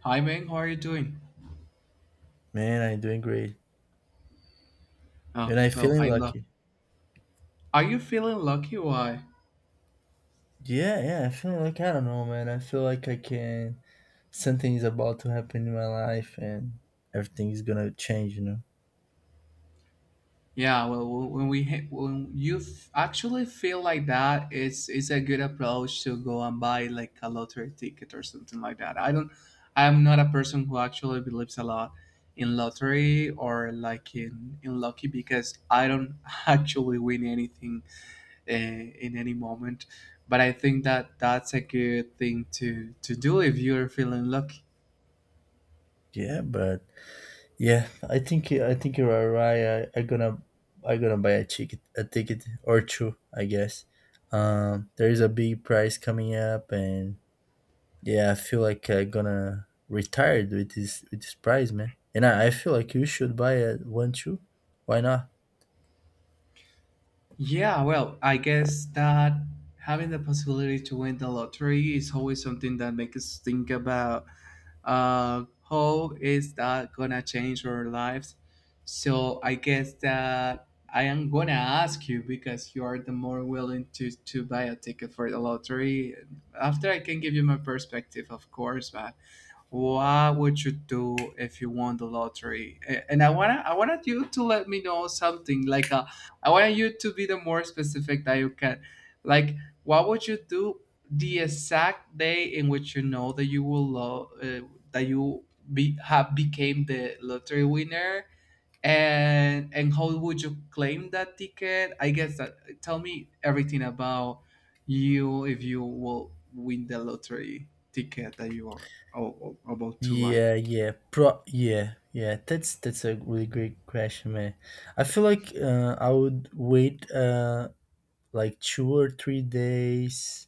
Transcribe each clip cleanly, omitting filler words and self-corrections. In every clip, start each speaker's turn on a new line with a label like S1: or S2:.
S1: Hi, Ming. How are you doing?
S2: Man, I'm doing great.
S1: Oh,
S2: And I'm
S1: well,
S2: feeling
S1: I luck.
S2: lucky.
S1: Are you feeling lucky? Why?
S2: Yeah, yeah, I feel like I don't know, man. I feel like I can something is about to happen in my life and everything is gonna change, you know.
S1: Yeah, well, w- when we ha- when you f- actually feel like that, it's a good approach to go and buy like a lottery ticket or something like that. I don't. I'm not a person who actually believes a lot in lottery or like in lucky because I don't actually win anything in any moment. But I think that that's a good thing to do if you're feeling lucky.
S2: Yeah, but yeah, I think I think you are right. I gonna I gonna buy a ticket or two, I guess. There is a big prize coming up, and yeah, I feel like I gonna retire with this prize, man. And I feel like you should buy a one too. Why not?
S1: Yeah, well, I guess that having the possibility to win the lottery is always something that makes us think about how is that gonna change our lives. So I guess that I am gonna ask you because you are the more willing to buy a ticket for the lottery. After I can give you my perspective, of course, but what would you do if you won the lottery and I want to I wanted you to let me know something like I wanted you to be the more specific that you can, like, what would you do the exact day in which you know that that you be have became the lottery winner, and how would you claim that ticket? I guess that tell me everything about you if you will win the lottery ticket that you are. Oh, oh, about two, why?
S2: Yeah. That's a really great question, man. I feel like I would wait like 2 or 3 days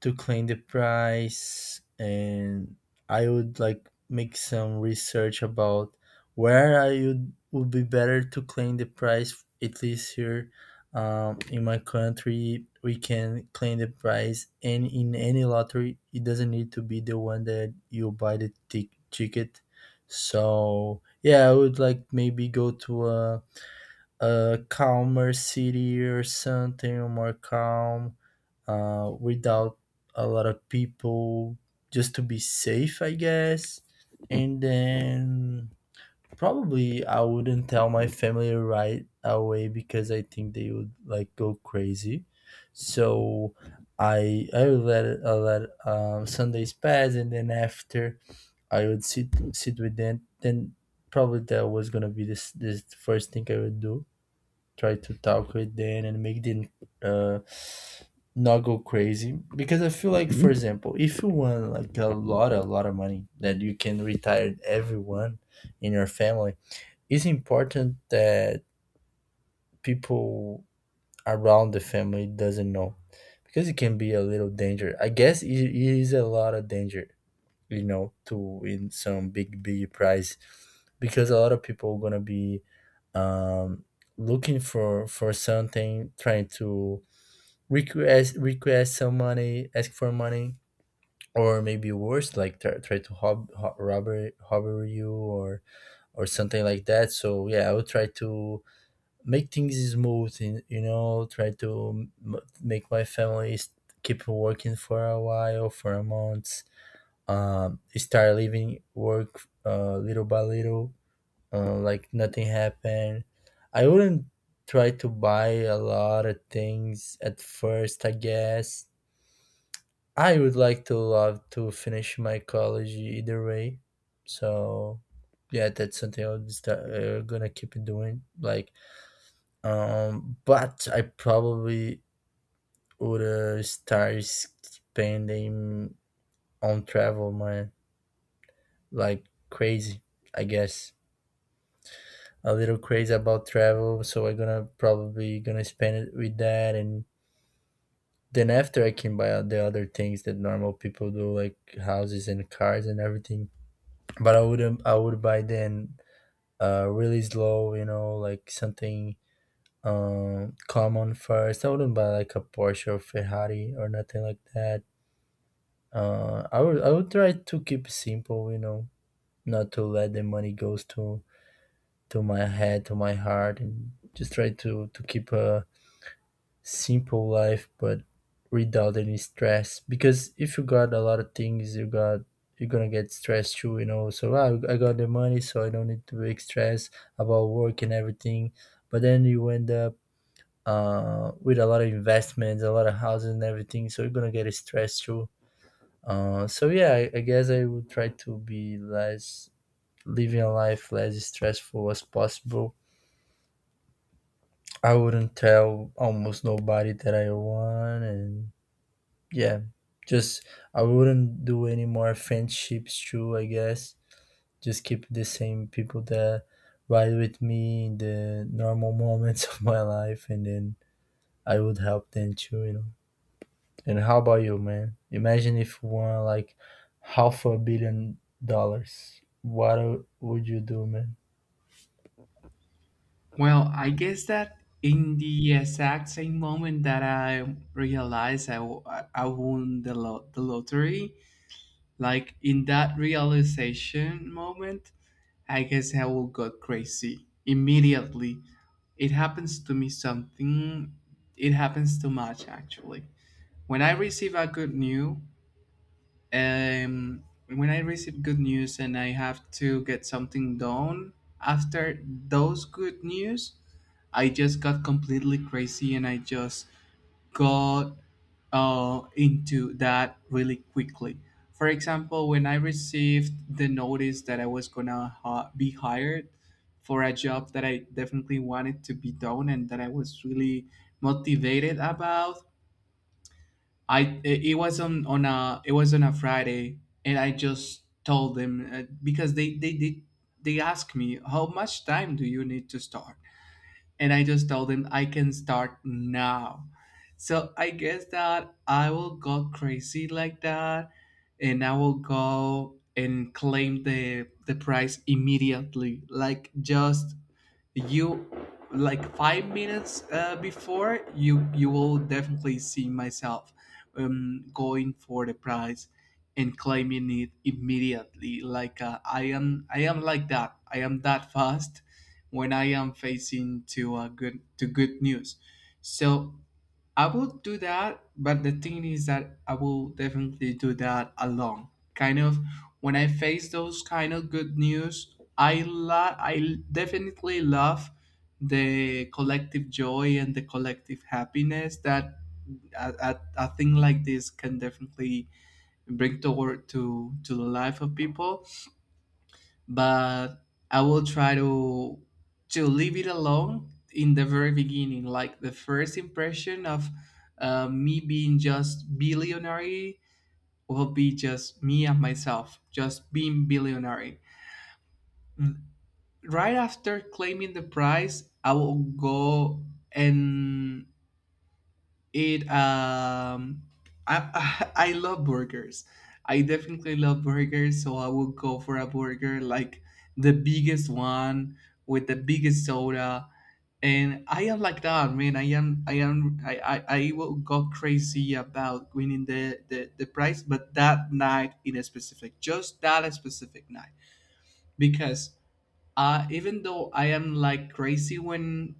S2: to claim the prize, and I would like make some research about where I would be better to claim the prize, at least here. In my country we can claim the prize and in any lottery, it doesn't need to be the one that you buy the ticket. So yeah, I would like maybe go to a calmer city or something, or more calm, without a lot of people, just to be safe, I guess. And then probably I wouldn't tell my family right away, because I think they would like go crazy. So I would let it, I let Sundays pass, and then after I would sit with them. Then probably that was gonna be this first thing I would do, try to talk with them and make them uh, not go crazy, because I feel like for Mhm. example, if you want like a lot of money that you can retire everyone in your family, it's important that people around the family doesn't know, because it can be a little danger, I guess, it is a lot of danger, you know, to win some big big prize, because a lot of people gonna be um, looking for something, trying to request some money, ask for money, or maybe worse, like try to hob, ho robber you or something like that. So yeah, I would try to make things smooth, and you know, try to make my family keep working for a while, for a month. Start leaving work little by little, like nothing happened. I wouldn't try to buy a lot of things at first, I guess. I would like to love to finish my college either way. So yeah, that's something gonna keep doing, like but I probably would start spending on travel, man, like crazy, I guess. A little crazy about travel, so I'm gonna probably gonna spend it with that, and then after I can buy the other things that normal people do, like houses and cars and everything. But I wouldn't. I would buy then really slow, you know, like something common first. I wouldn't buy like a Porsche or Ferrari or nothing like that. I would try to keep it simple, you know, not to let the money goes to my head, to my heart, and just try to keep a simple life, but without any stress, because if you got a lot of things you got, you're gonna get stressed too, you know. So wow, I got the money, so I don't need to be stressed about work and everything, but then you end up with a lot of investments, a lot of houses and everything, so you're gonna get stressed too. So yeah, I guess I would try to be less living a life less stressful as possible. I wouldn't tell almost nobody that I won, and yeah, just I wouldn't do any more friendships too, I guess. Just keep the same people that ride with me in the normal moments of my life, and then I would help them too, you know. And how about you, man? Imagine if you won like half a billion dollars. What would you do, man?
S1: Well, I guess that in the exact same moment that I realized I, w- I won the, the lottery, like in that realization moment, I guess I will go crazy immediately. It happens to me something, it happens too much actually. When I receive a good news, when I receive good news and I have to get something done after those good news, I just got completely crazy and I just got into that really quickly. For example, when I received the notice that I was gonna be hired for a job that I definitely wanted to be done and that I was really motivated about, I it was on a it was on a Friday, and I just told them because they they asked me how much time do you need to start, and I just told them I can start now. So I guess that I will go crazy like that, and I will go and claim the prize immediately, like just you like 5 minutes before you will definitely see myself going for the prize and claiming it immediately, like I am like that. I am that fast when I am facing to a good news. So I will do that, but the thing is that I will definitely do that alone. Kind of when I face those kind of good news, I definitely love the collective joy and the collective happiness that a thing like this can definitely bring toward to the life of people, but I will try to leave it alone in the very beginning, like the first impression of me being just billionaire will be just me and myself, just being billionaire. Mm. Right after claiming the prize, I will go and it I I love burgers. I definitely love burgers, so I would go for a burger like the biggest one with the biggest soda. And I am like that, man. I am, I am, I will go crazy about winning the prize, but that night in a specific, just that specific night, because even though I am like crazy when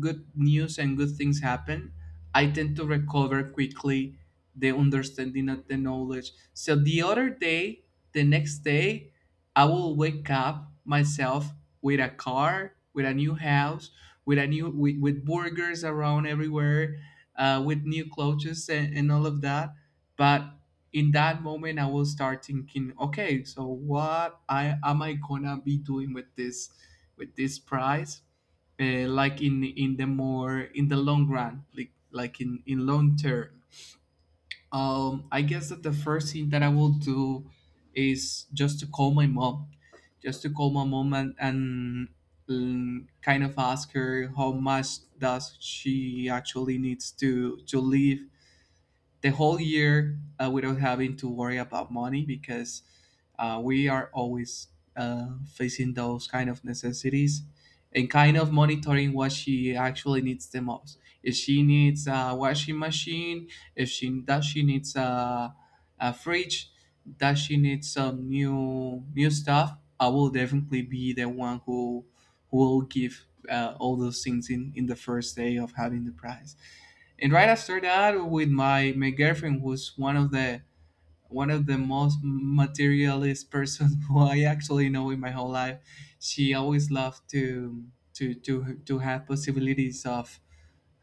S1: good news and good things happen, I tend to recover quickly the understanding of the knowledge. So the other day, the next day, I will wake up myself with a car, with a new house, with a with burgers around everywhere, with new clothes, and all of that. But in that moment I will start thinking, okay, so what I gonna be doing with this, with this prize, like in the long run, like in long term. I guess that the first thing that I will do is just to call my mom, just to call my mom, and kind of ask her how much does she actually needs to live the whole year without having to worry about money, because we are always facing those kind of necessities and kind of monitoring what she actually needs the most. If she needs a washing machine, if she needs a fridge, does she needs some new stuff, I will definitely be the one who will give all those things in the first day of having the prize. And right after that, with my girlfriend, who's one of the most materialist person who I actually know in my whole life, she always loved to to have possibilities of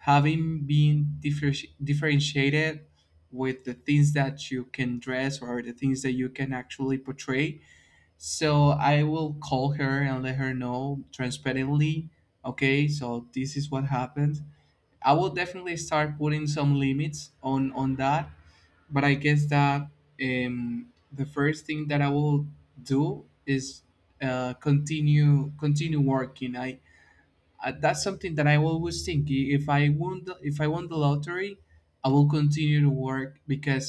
S1: having been differentiated with the things that you can dress or the things that you can actually portray. So I will call her and let her know transparently. Okay, so this is what happened. I will definitely start putting some limits on that, but I guess that the first thing that I will do is continue working. I that's something that I always think. If I won the, if I won the lottery, I will continue to work because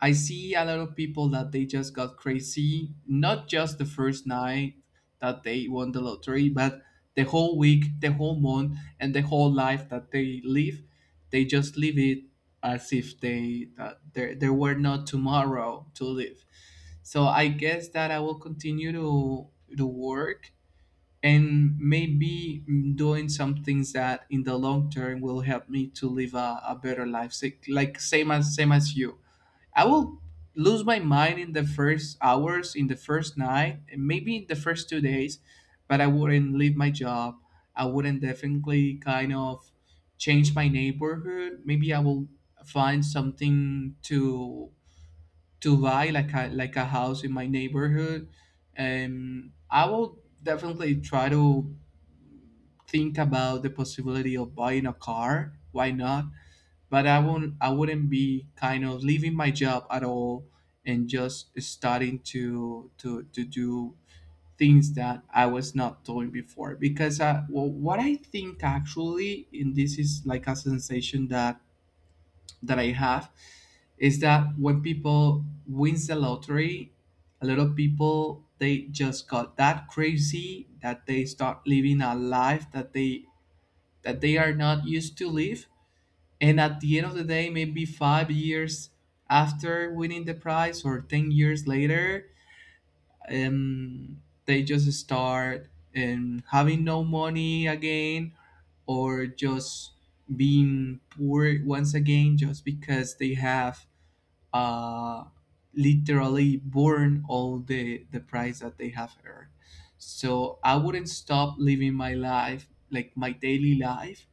S1: I see a lot of people that they just got crazy, not just the first night that they won the lottery, but the whole week, the whole month, and the whole life that they live. They just live it as if they that there were not tomorrow to live. So I guess that I will continue to work, and maybe doing some things that in the long term will help me to live a better life. Like same as you, I will lose my mind in the first hours, in the first night, and maybe in the first 2 days, but I wouldn't leave my job. I wouldn't definitely kind of change my neighborhood. Maybe I will find something to buy like a house in my neighborhood. I will definitely try to think about the possibility of buying a car, why not? But I wouldn't be kind of leaving my job at all and just starting to do things that I was not doing before, because I, well, what I think actually, and this is like a sensation that I have, is that when people wins the lottery, a lot of people they just got that crazy that they start living a life that they are not used to live. And at the end of the day, maybe 5 years after winning the prize or 10 years later, they just start having no money again, or just being poor once again just because they have uh, literally burn all the price that they have earned. So I wouldn't stop living my life, like my daily life,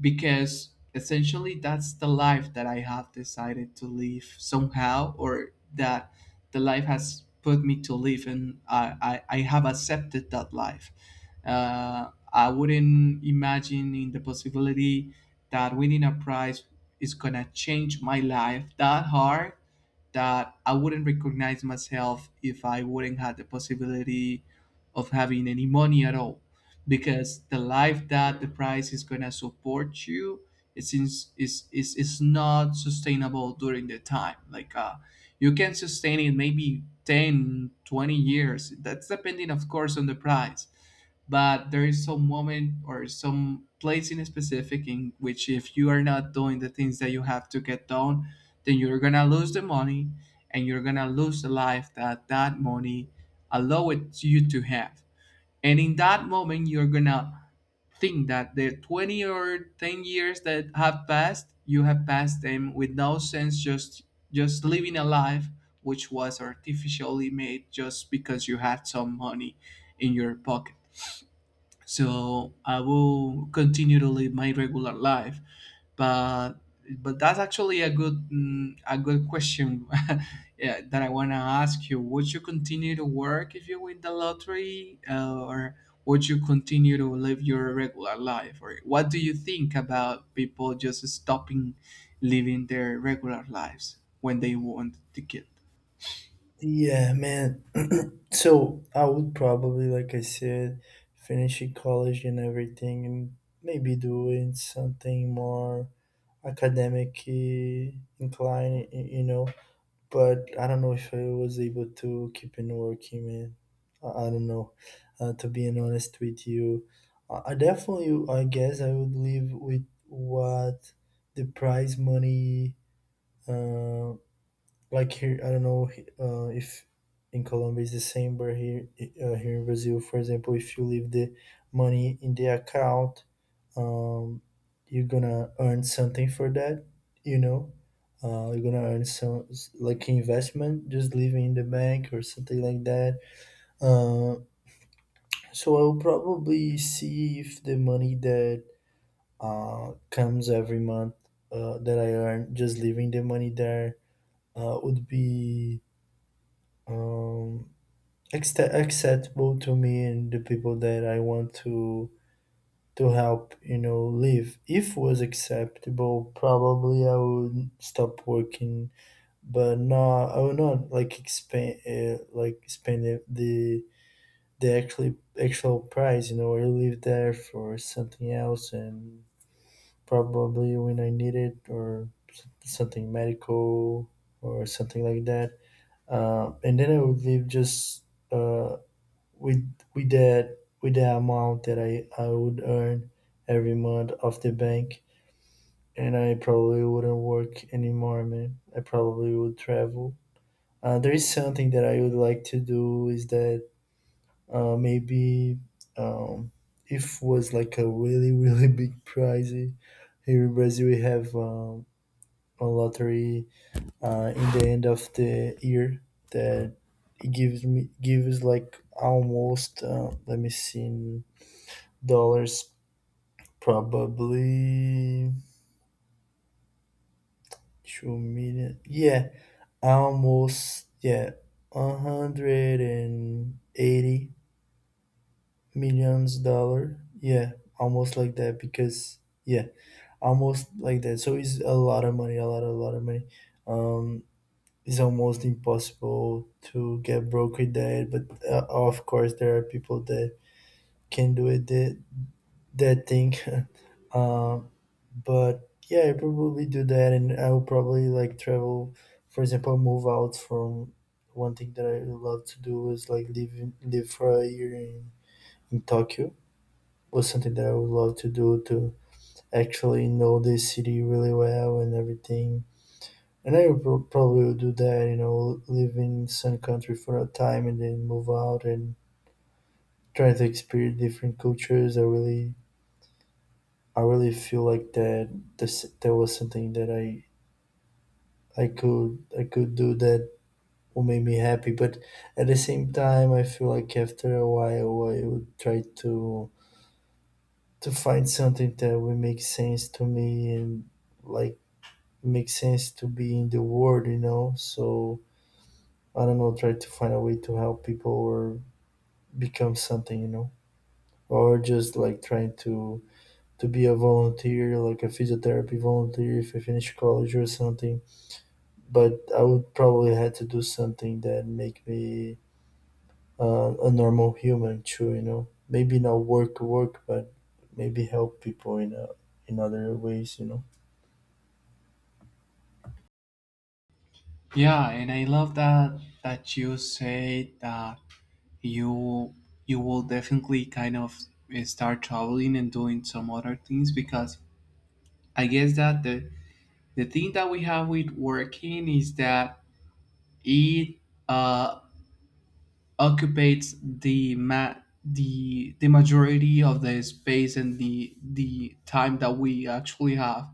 S1: because essentially that's the life that I have decided to live somehow, or that the life has put me to live, and I have accepted that life. I wouldn't imagine in the possibility that winning a prize is gonna change my life that hard that I wouldn't recognize myself if I wouldn't have the possibility of having any money at all, because the life that the price is gonna support you, it's in, is not sustainable during the time. Like, you can sustain it maybe 10, 20 years. That's depending, of course, on the price, but there is some moment or some place in specific in which, if you are not doing the things that you have to get done, then you're gonna lose the money, and you're gonna lose the life that that money allowed you to have. And in that moment, you're gonna think that the 20 or 10 years that have passed, you have passed them with no sense, just living a life which was artificially made just because you had some money in your pocket. So I will continue to live my regular life, but but that's actually a good question. Yeah, that I want to ask you: would you continue to work if you win the lottery, or would you continue to live your regular life? Or what do you think about people just stopping living their regular lives when they want the ticket?
S2: Yeah, man. So I would probably, like I said, finishing college and everything, and maybe doing something more academic incline, you know. But I don't know if I was able to keep on working, man. I don't know. To be honest with you, I definitely, I guess, I would live with what the prize money. Uh, like here I don't know if in colombia it's the same, but here here in brazil, for example, if you leave the money in the account, um, you're gonna earn something for that, you know, you're gonna earn some like investment just leaving in the bank or something like that. uh, so I'll probably see if the money that comes every month, that I earn just leaving the money there, would be um, acceptable to me and the people that I want to help, you know, live. If was acceptable, probably I would stop working. But no, I would not like expand like the actual price. You know, I live there for something else, and probably when I need it or something medical or something like that. And then I would leave just. Uh, with that with the amount that I would earn every month off the bank. And I probably wouldn't work anymore, man. I probably would travel. There is something that I would like to do, is that maybe um, if was like a really really big prize, here in Brazil we have a lottery in the end of the year, that it gives me gives like almost let me see dollars, probably 2 million, yeah, almost, yeah, 180 millions dollar, yeah, almost like that, because yeah, almost like that. So it's a lot of money, a lot of money. um it's almost impossible to get broke with that, but of course there are people that can do it, that, that thing. um But yeah, I probably do that, and I will probably like travel. For example, move out from one thing that I would love to do, is like live in, live for a year in Tokyo. Was something that I would love to do to actually know the city really well and everything. And I would probably would do that, you know, live in some country for a time and then move out, and try to experience different cultures. I really feel like that. That was something that I could do that will make me happy. But at the same time, I feel like after a while, I would try to find something that will make sense to me, and like make sense to be in the world, you know. So I don't know, try to find a way to help people, or become something, you know, or just like trying to be a volunteer, like a physiotherapy volunteer if I finish college or something. But I would probably have to do something that make me a normal human too, you know. Maybe not work work, but maybe help people in other ways, you know.
S1: Yeah, and I love that you say that you you will definitely kind of, start traveling and doing some other things, because I guess that the thing that we have with working is that it uh occupates the majority of the space and the time that we actually have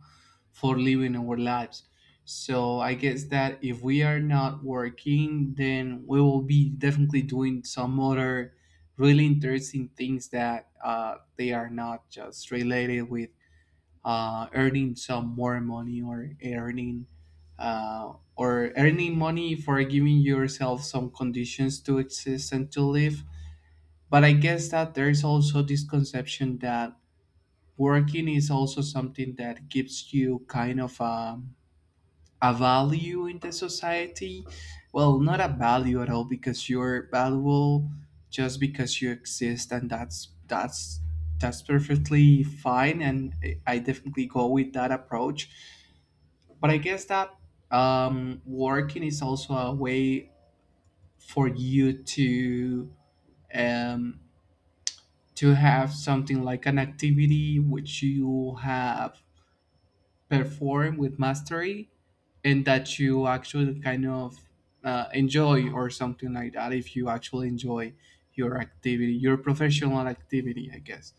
S1: for living our lives. So I guess that if we are not working, then we will be definitely doing some other really interesting things that they are not just related with earning some more money, or earning, or earning money for giving yourself some conditions to exist and to live. But I guess that there is also this conception that working is also something that gives you kind of a value in the society. Well, not a value at all, because you're valuable just because you exist, and that's that's perfectly fine, and I definitely go with that approach. But I guess that, working is also a way for you to, um, to have something like an activity which you have perform with mastery and that you actually kind of, enjoy, or something like that. If you actually enjoy your activity, your professional activity, i guess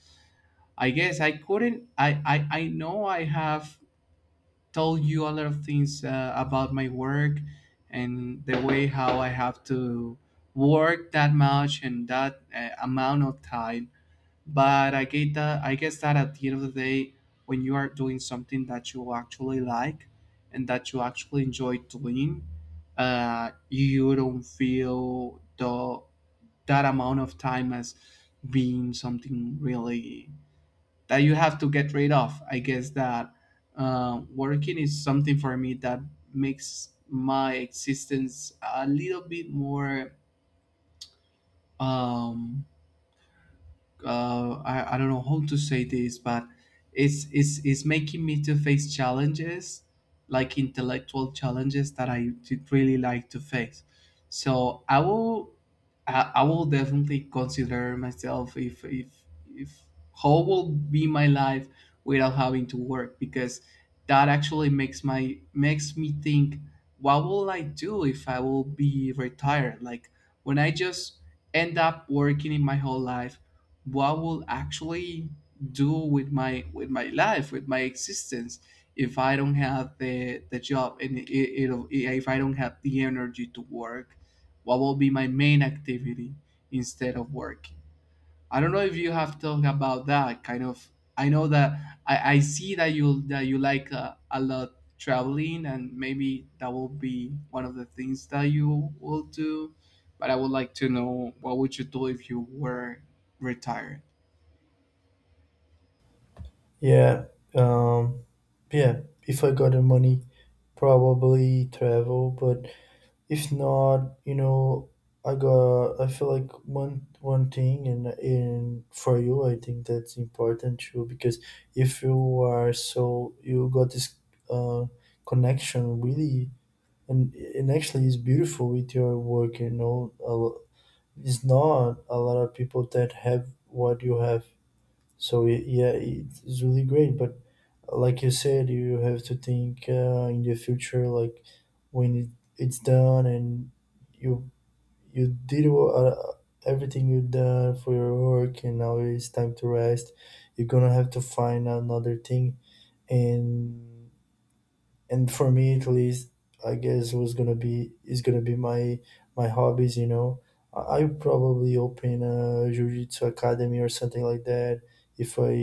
S1: i guess I couldn't I know I have told you a lot of things about my work and the way how I have to work that much and that, amount of time. But I get that, I guess that at the end of the day, when you are doing something that you actually like and that you actually enjoy doing, you don't feel the, that amount of time as being something really that you have to get rid of. I guess that, working is something for me that makes my existence a little bit more, um, I don't know how to say this, but it's making me to face challenges, like intellectual challenges that I did really like to face. So I will, I will definitely consider myself, if how will be my life without having to work, because that actually makes me think: what will I do if I will be retired? Like, when I just end up working in my whole life, what will actually do with my life, with my existence? If I don't have the job, and it, it'll if I don't have the energy to work, what will be my main activity instead of working? I don't know if you have talked about that kind of. I know that I see that you like, a lot, traveling, and maybe that will be one of the things that you will do. But I would like to know, what would you do if you were retired?
S2: Yeah, um, yeah. If I got the money, probably travel. But if not, you know, I got. I feel like one thing, and for you, I think that's important too. Because if you are so, you got this uh, connection really, and actually it's beautiful with your work, you know, a it's not a lot of people that have what you have, so yeah, it's really great. But like you said, you have to think in the future, like when it's done and you you did everything you done for your work, and now it's time to rest, you're gonna have to find another thing. and and for me at least, I guess was gonna be is gonna be my hobbies, you know. I'll probably open a jiu-jitsu academy or something like that, if I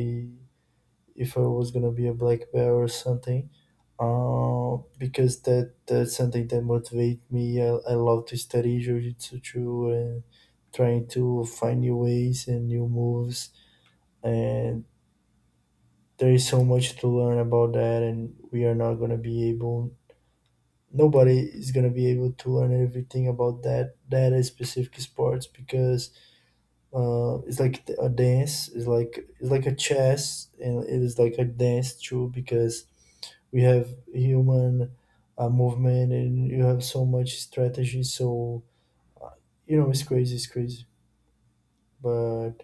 S2: was gonna be a black belt or something. Because that that's something that motivates me. I love to study jiu-jitsu too, and trying to find new ways and new moves. And there is so much to learn about that, and we are not going to be able, nobody is going to be able to learn everything about that, that is specific sports. Because it's like a dance, it's like a chess, and it is like a dance too, because we have human movement, and you have so much strategy. So uh, you know, it's crazy, it's crazy. But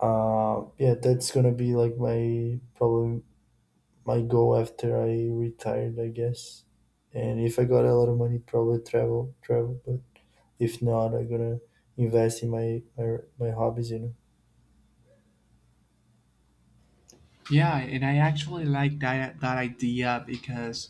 S2: yeah, that's gonna be like my probably my goal after I retired, I guess. And if I got a lot of money, probably travel. But if not, I'm gonna invest in my my hobbies, you know.
S1: Yeah, and I actually like that idea, because,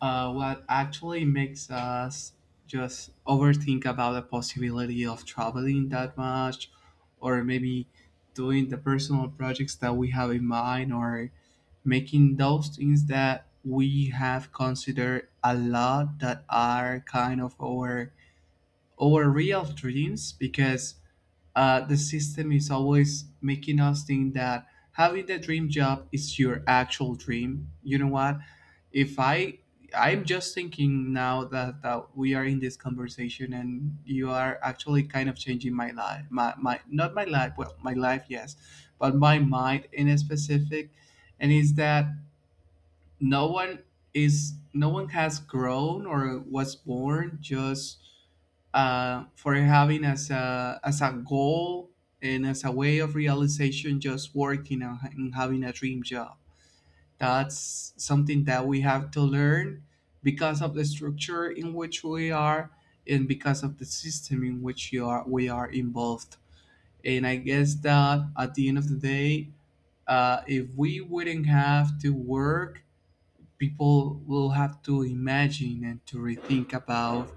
S1: what actually makes us just overthink about the possibility of traveling that much, or maybe doing the personal projects that we have in mind, or making those things that we have considered a lot that are kind of our real dreams? Because, the system is always making us think that having the dream job is your actual dream. You know what? If I, I'm just thinking now that we are in this conversation and you are actually kind of changing my life, my not my life, well, my life yes, but my mind, in a specific. And is that no one no one has grown or was born just, for having as a, as a goal and as a way of realization just working and having a dream job. That's something that we have to learn, because of the structure in which we are, and because of the system in which you are, we are involved. And I guess that at the end of the day, if we wouldn't have to work, people will have to imagine and to rethink about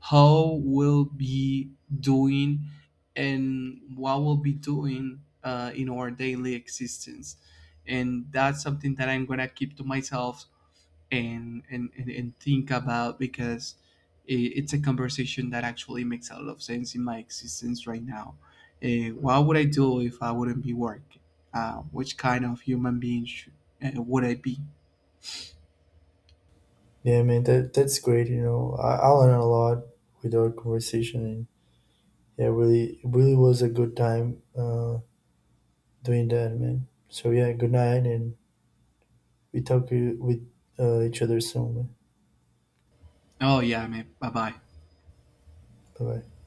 S1: how we'll be doing and what we'll be doing, in our daily existence. And that's something that I'm gonna keep to myself and, think about, because I it's a conversation that actually makes a lot of sense in my existence right now. What would I do if I wouldn't be working? Which kind of human being would I be?
S2: Yeah, man, that, that's great, you know. I learned a lot with our conversation. And yeah, really, it really was a good time doing that, man. So yeah, good night, and we talk with each other soon, man.
S1: Oh yeah, mate. Bye bye.
S2: Bye bye.